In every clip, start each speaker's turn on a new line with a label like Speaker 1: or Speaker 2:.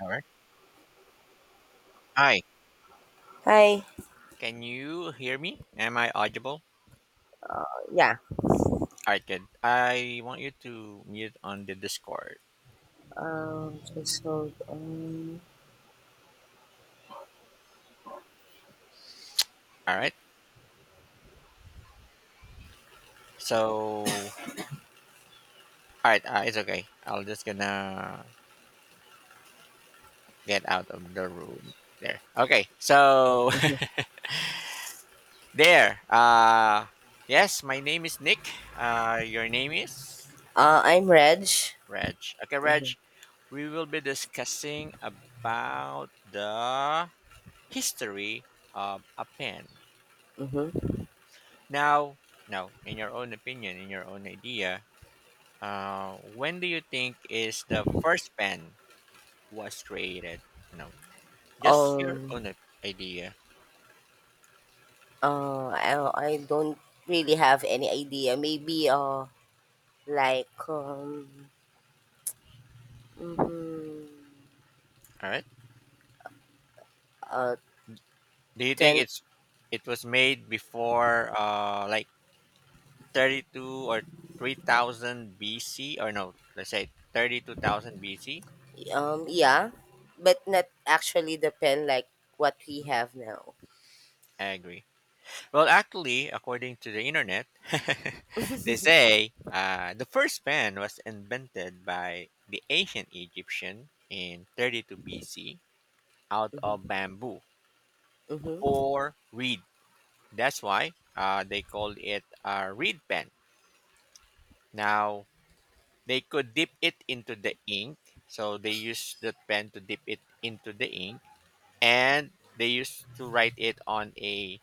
Speaker 1: All right. Hi.
Speaker 2: Hi.
Speaker 1: Can you hear me? Am I audible?
Speaker 2: Yeah.
Speaker 1: All right, good. I want you to mute on the Discord.
Speaker 2: Just hold on.
Speaker 1: All right. So, all right, it's okay. I'll just gonna get out of the room. There. Okay. So
Speaker 2: Mhm.
Speaker 1: there. Yes. My name is Nick. Your name is
Speaker 2: I'm Reg.
Speaker 1: Reg. Okay, Reg.
Speaker 2: hmm
Speaker 1: We will be discussing about the history of a pen.
Speaker 2: hmm
Speaker 1: Now, now, in your own opinion, in your own idea, when do you think is the first pen was created? You know, just your
Speaker 2: Um.
Speaker 1: own idea.
Speaker 2: I don't really have any idea. Maybe like um, mm,
Speaker 1: All right.
Speaker 2: uh,
Speaker 1: Do you think
Speaker 2: ten.
Speaker 1: it was made before like 32 or 3,000 BC or no? Let's say 32,000 BC.
Speaker 2: Yeah, but not actually the pen like what we
Speaker 1: Mhm.
Speaker 2: have now.
Speaker 1: I agree. Well, actually, according to the internet, they say the first pen was invented by the ancient Egyptian in 32 BC out of
Speaker 2: hmm
Speaker 1: bamboo
Speaker 2: hmm
Speaker 1: or reed. That's why they called it a reed pen. Now, they could dip it into the ink, so they used that pen to dip it into the ink and they used to write it on a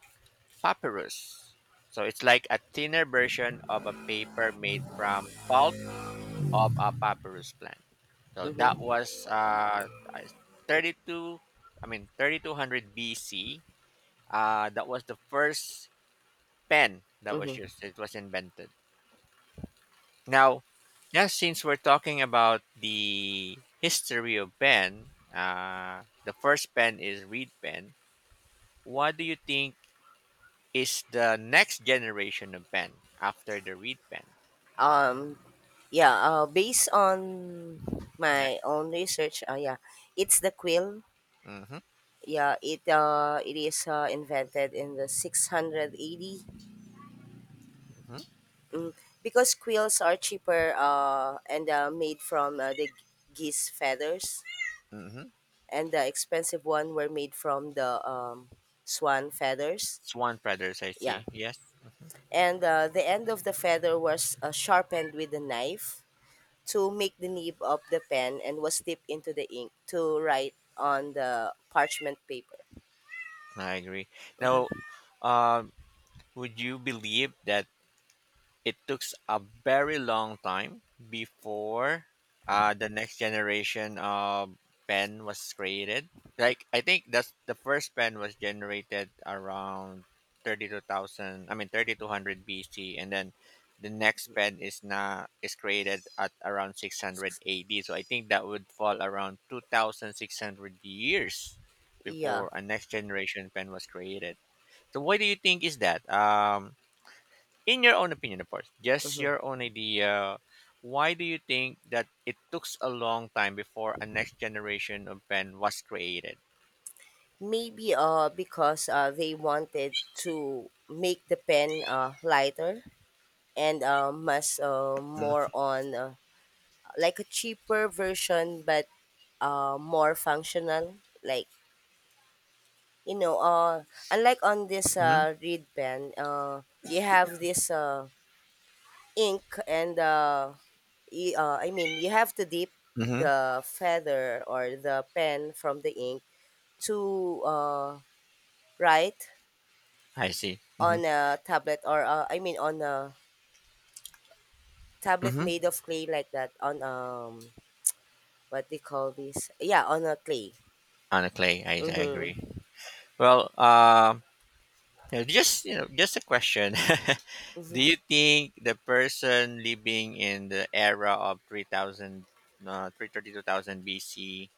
Speaker 1: papyrus. So it's like a thinner version of a paper made from pulp of a papyrus plant. So that
Speaker 2: hmm
Speaker 1: was I- 32, I mean 3200 BC. That was the first pen that was
Speaker 2: hmm
Speaker 1: used. It was invented. Now, yeah, since we're talking about the history of pen, the first pen is reed pen. What do you think is the next generation of Ben after the Reed Ben?
Speaker 2: Um. Yeah. Based on
Speaker 1: Yes.
Speaker 2: my own research. Yeah, it's the quill
Speaker 1: Mm-hmm.
Speaker 2: yeah it uh it is uh, invented in the 680,
Speaker 1: Mm-hmm.
Speaker 2: mm, because quills are cheaper and made from geese feathers,
Speaker 1: Mm-hmm.
Speaker 2: and the expensive one were made from the swan feathers.
Speaker 1: Swan Brothers, I
Speaker 2: yeah
Speaker 1: see. Yes, mm-hmm.
Speaker 2: and uh, the end of the feather was sharpened with a knife to make the nib of the pen, and was dipped into the ink to write on the parchment paper.
Speaker 1: I agree. Now,
Speaker 2: hmm
Speaker 1: um, would you believe that it took a very long time before the next generation of pen was created? Like I think that's the first pen was generated around 32,000. I mean 3,200 BC, and then the next pen is not is created at around 600 AD. So I think that would fall around 2,600 years
Speaker 2: yeah
Speaker 1: before a next generation pen was created. So why do you think is that? In your own opinion of course just
Speaker 2: hmm
Speaker 1: your own idea why do you think that it took a long time before a next generation of pen was created.
Speaker 2: Maybe because they wanted to make the pen lighter and much more on like a cheaper version but more functional. Like, you know, unlike on this
Speaker 1: Mm-hmm.
Speaker 2: reed pen, you have this ink, and I mean, you have to dip
Speaker 1: Mm-hmm.
Speaker 2: the feather or the pen from the ink to write
Speaker 1: I see. Mm-hmm.
Speaker 2: on a tablet or, I mean, on a tablet
Speaker 1: Mm-hmm.
Speaker 2: made of clay, like that on what they call this yeah on a clay.
Speaker 1: On a clay I agree.
Speaker 2: mm-hmm.
Speaker 1: Well, just you know just a question.
Speaker 2: hmm
Speaker 1: Do you think the person living in the era of 3000 332,000 BC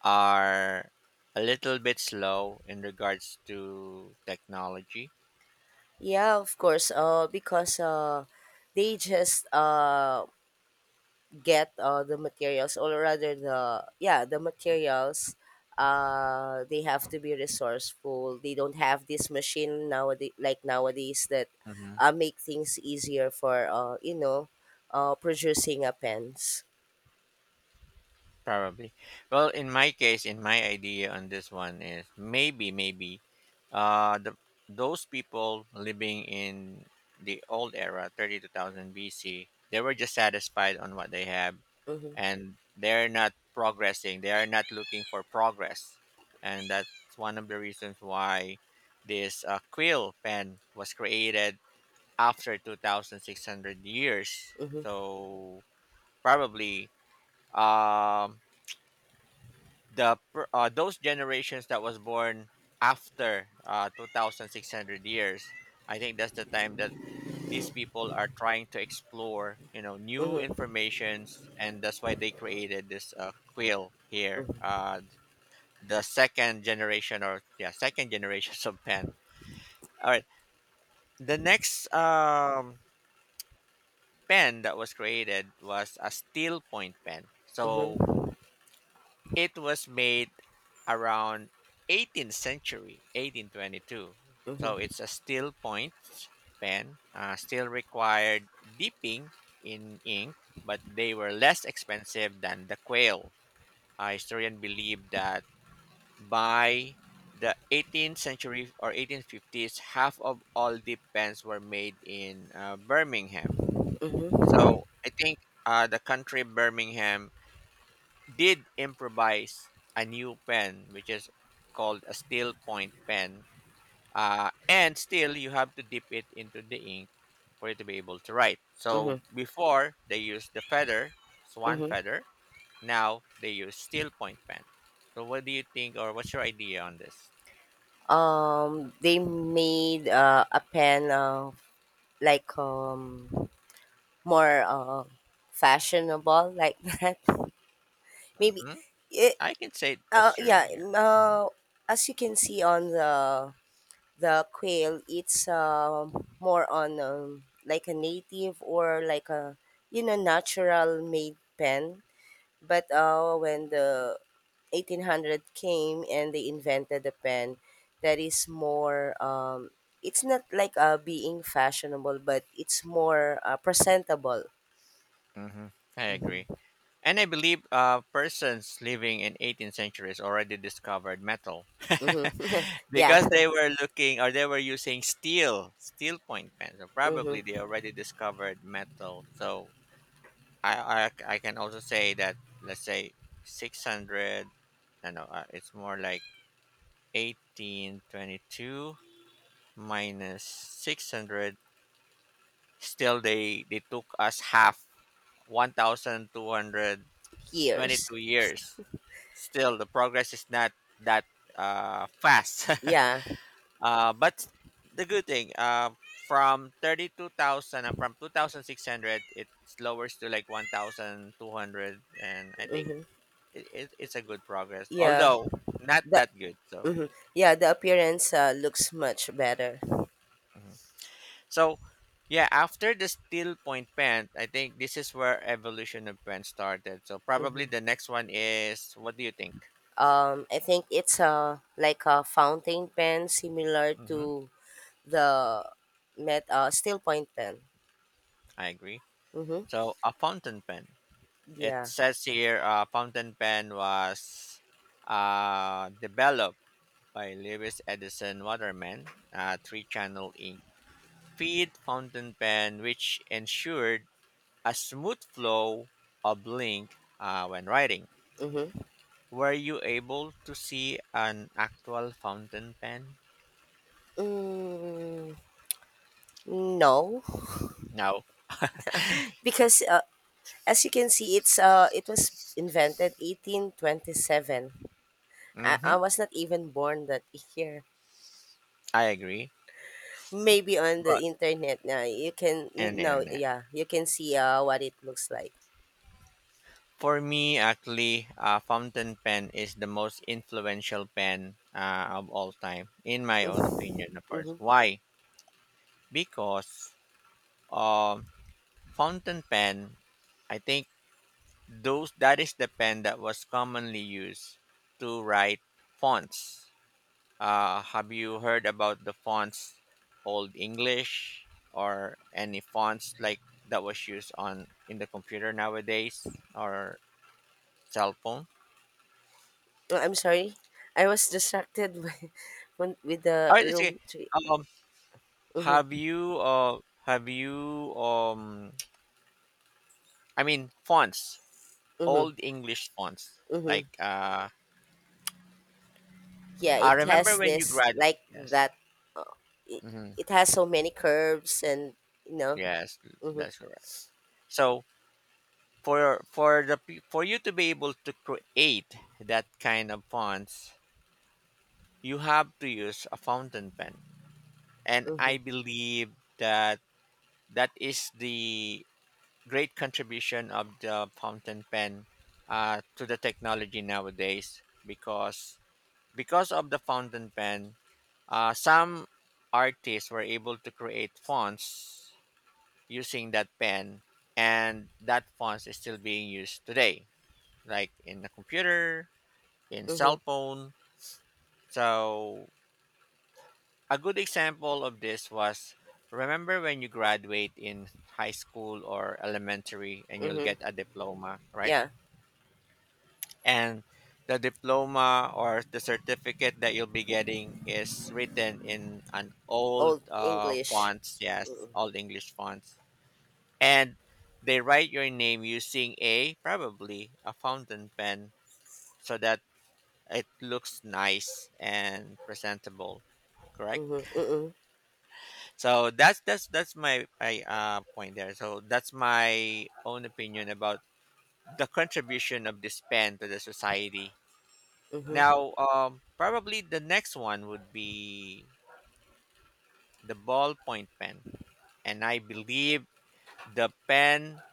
Speaker 1: are a little bit slow in regards to technology?
Speaker 2: yeah, of course, because they just get the materials, or rather, the materials. They have to be resourceful. They don't have this machine nowadays, like nowadays that make things easier for, you know, producing a pens.
Speaker 1: Probably. Well, in my case, in my idea on this one is maybe, the those people living in the old era, 32,000 BC, they were just satisfied on what they have,
Speaker 2: Mm-hmm.
Speaker 1: and they're not progressing. They are not looking for progress, and that's one of the reasons why this quill pen was created after 2,600 years.
Speaker 2: Mhm,
Speaker 1: So probably. Um, those generations that was born after 2,600 years. I think that's the time that these people are trying to explore new
Speaker 2: mhm,
Speaker 1: informations and that's why they created this quill here
Speaker 2: mhm,
Speaker 1: the second generation or yeah second generation of pen. All right. The next pen that was created was a steel point pen. So
Speaker 2: mhm,
Speaker 1: it was made around 18th century, 1822. So
Speaker 2: mhm,
Speaker 1: it's a steel point pen, still required dipping in ink, but they were less expensive than the quail. A historian believe that by the 18th century or 1850s, half of all dip pens were made in Birmingham.
Speaker 2: mhm,
Speaker 1: So I think the country Birmingham did improvise a new pen, which is called a steel point pen. And still, you have to dip it into the ink for it to be able to write. So
Speaker 2: mhm,
Speaker 1: before, they used the feather, swan
Speaker 2: mhm.
Speaker 1: feather. Now, they use steel point pen. So what do you think, or what's your idea on this?
Speaker 2: They made a pen like um more fashionable like that, maybe
Speaker 1: Hmm.
Speaker 2: it
Speaker 1: I can say that's
Speaker 2: uh
Speaker 1: true.
Speaker 2: yeah
Speaker 1: Yeah.
Speaker 2: um,
Speaker 1: Hmm.
Speaker 2: uh, as you can see, on the quail it's, more on, like a native, or like a, you know, natural made pen. But when the 1800 came and they invented a pen that is more, it's not like being fashionable, but it's more presentable.
Speaker 1: Hmm. I agree.
Speaker 2: hmm
Speaker 1: And I believe persons living in 18th centuries already discovered metal
Speaker 2: hmm yeah
Speaker 1: because they were looking or they were using steel point pens. So probably they
Speaker 2: hmm
Speaker 1: already discovered metal. So I can also say that, let's say 600, I know, it's more like 1822 minus 600. Still, they took us half, 1,200
Speaker 2: years.
Speaker 1: 22 years. Still, the progress is not that fast.
Speaker 2: Yeah
Speaker 1: But the good thing, from 32,000 and from 2,600, it lowers to like 1,200. And I think
Speaker 2: hmm
Speaker 1: it's a good progress,
Speaker 2: yeah
Speaker 1: although not
Speaker 2: the
Speaker 1: that good. So,
Speaker 2: Mhm. Yeah, the appearance looks much better.
Speaker 1: mhm. So yeah, after the steel point pen, I think this is where evolution of pen started. So probably
Speaker 2: hmm
Speaker 1: the next one is, what do you think?
Speaker 2: I think it's like a fountain pen, similar
Speaker 1: Hmm.
Speaker 2: to the met steel point pen.
Speaker 1: I agree.
Speaker 2: hmm
Speaker 1: So a fountain pen. It
Speaker 2: yeah.
Speaker 1: says here a fountain pen was developed by Lewis Edison Waterman, a three-channel ink feed fountain pen, which ensured a smooth flow of ink when writing.
Speaker 2: hmm
Speaker 1: Were you able to see an actual fountain pen?
Speaker 2: Mm, no,
Speaker 1: No.
Speaker 2: because as you can see, it's it was invented 1827. I
Speaker 1: Hmm.
Speaker 2: was not even born that year.
Speaker 1: I agree.
Speaker 2: Maybe on the
Speaker 1: But
Speaker 2: internet now you can, you
Speaker 1: and the
Speaker 2: know,
Speaker 1: internet.
Speaker 2: yeah, you can see what it looks like.
Speaker 1: For me, actually, a fountain pen is the most influential pen of all time, in my own opinion, of course.
Speaker 2: Mm-hmm.
Speaker 1: Why? Because uh, fountain pen, I think those that is the pen that was commonly used to write fonts. Have you heard about the fonts Old English or any fonts like that was used on in the computer nowadays or cell phone?
Speaker 2: Oh, I'm sorry, I was distracted with the
Speaker 1: All right, it's okay.
Speaker 2: room tree.
Speaker 1: Um, Have
Speaker 2: Mm-hmm,
Speaker 1: you uh have you I mean fonts,
Speaker 2: mm-hmm,
Speaker 1: old English fonts.
Speaker 2: mm-hmm.
Speaker 1: Like
Speaker 2: Yeah,
Speaker 1: I
Speaker 2: it
Speaker 1: remember
Speaker 2: has
Speaker 1: when you
Speaker 2: this like
Speaker 1: graduate. Yes.
Speaker 2: that. Uh, it,
Speaker 1: Hmm.
Speaker 2: it has so many curves and, you know.
Speaker 1: Yes,
Speaker 2: Mm-hmm.
Speaker 1: that's correct. So for you to be able to create that kind of fonts, you have to use a fountain pen. And
Speaker 2: Mm-hmm.
Speaker 1: I believe that that is the great contribution of the fountain pen to the technology nowadays because of the fountain pen, some artists were able to create fonts using that pen, and that font is still being used today, like in the computer, in
Speaker 2: Mhm.
Speaker 1: cell phone. So, a good example of this was remember when you graduate in high school or elementary and you'll
Speaker 2: Mhm.
Speaker 1: get a diploma, right?
Speaker 2: Yeah.
Speaker 1: And the diploma or the certificate that you'll be getting is written in an old
Speaker 2: Old English.
Speaker 1: fonts, yes,
Speaker 2: Mhm.
Speaker 1: old English fonts, and they write your name using a probably a fountain pen so that it looks nice and presentable, correct?
Speaker 2: Mhm. Mhm.
Speaker 1: So that's my point there. So that's my own opinion about the contribution of this pen to the society.
Speaker 2: Mhm.
Speaker 1: Now, probably the next one would be the ballpoint pen, and I believe the pen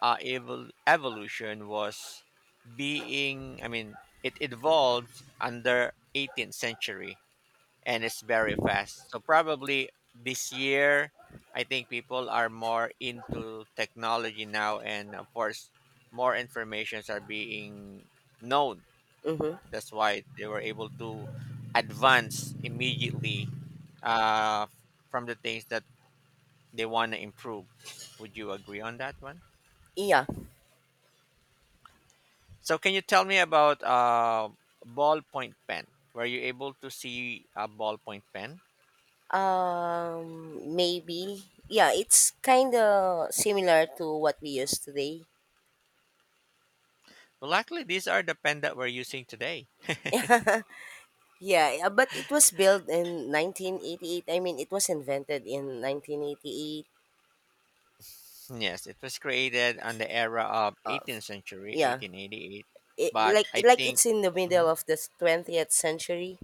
Speaker 1: evolution was being. I mean, it evolved under 18th century, and it's very fast. So probably this year, I think people are more into technology now, and of course, more informations are being known.
Speaker 2: Mhm.
Speaker 1: That's why they were able to advance immediately uh, from the things that they want to improve. Would you agree on that one?
Speaker 2: Yeah.
Speaker 1: So, can you tell me about ballpoint pen? Were you able to see a ballpoint pen?
Speaker 2: Um. Maybe. Yeah, it's kind of similar to what we use today.
Speaker 1: Well, actually, these are the pen that we're using today.
Speaker 2: Yeah. But it was built in 1988. I mean, it was invented in 1988.
Speaker 1: Yes, it was created on the era of
Speaker 2: Of.
Speaker 1: 18th century,
Speaker 2: Yeah.
Speaker 1: 1888.
Speaker 2: It,
Speaker 1: But
Speaker 2: like
Speaker 1: I
Speaker 2: like
Speaker 1: think,
Speaker 2: it's in the middle
Speaker 1: mhm.
Speaker 2: of the 20th century.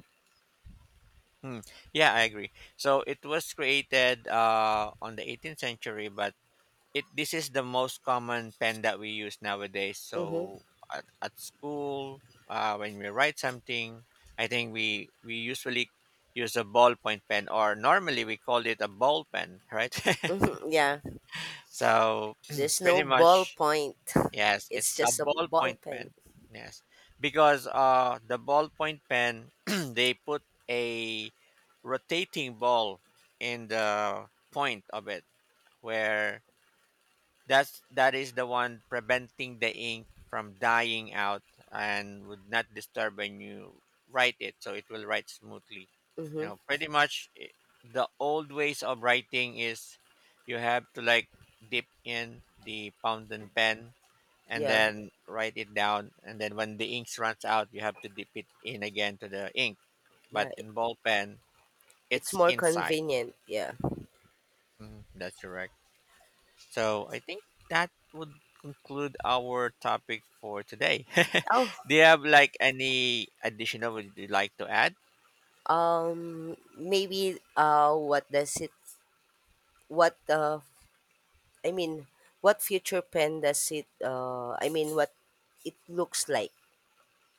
Speaker 1: Hmm. Yeah, I agree. So it was created on the 18th century, but it this is the most common pen that we use nowadays.
Speaker 2: Mm-hmm.
Speaker 1: So at school when we write something I think we usually use a ballpoint pen or normally we call it a ball pen, right?
Speaker 2: Yeah.
Speaker 1: So
Speaker 2: There's
Speaker 1: pretty
Speaker 2: no
Speaker 1: much,
Speaker 2: ballpoint.
Speaker 1: yes, it's
Speaker 2: It's
Speaker 1: a
Speaker 2: just a ball
Speaker 1: ballpoint
Speaker 2: pen.
Speaker 1: pen. Yes, because the ballpoint pen they put a rotating ball in the point of it where that is the one preventing the ink from dying out and would not disturb when you write it, so it will write smoothly.
Speaker 2: Mm-hmm.
Speaker 1: Pretty much the old ways of writing is you have to like dip in the fountain pen and
Speaker 2: Yeah.
Speaker 1: then write it down, and then when the ink runs out, you have to dip it in again to the ink. But
Speaker 2: Yeah, i-
Speaker 1: in ball pen,
Speaker 2: it's
Speaker 1: it's
Speaker 2: more
Speaker 1: inside.
Speaker 2: convenient. Yeah.
Speaker 1: Mhm, that's correct. So I think that would conclude our topic for today.
Speaker 2: Oh,
Speaker 1: Do you have like any additional would you like to add?
Speaker 2: maybe what does it? What uh, I mean, what future pen does it? What it looks like?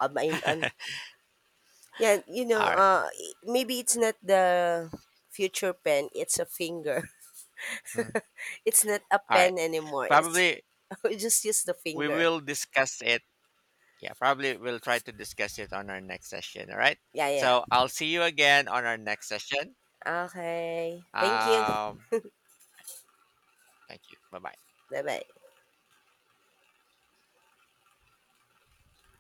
Speaker 2: Um, I, um, yeah, you know,
Speaker 1: All right.
Speaker 2: maybe it's not the future pen. It's a finger.
Speaker 1: Hmm.
Speaker 2: It's not a
Speaker 1: All right.
Speaker 2: pen anymore. It's,
Speaker 1: Probably
Speaker 2: we just use the
Speaker 1: we
Speaker 2: finger.
Speaker 1: will discuss it. Yeah, probably we'll try to discuss it on our next session. All right.
Speaker 2: Yeah, yeah.
Speaker 1: So I'll see you again on our next session.
Speaker 2: Okay. Thank you.
Speaker 1: Um, thank you. Bye bye.
Speaker 2: Bye bye.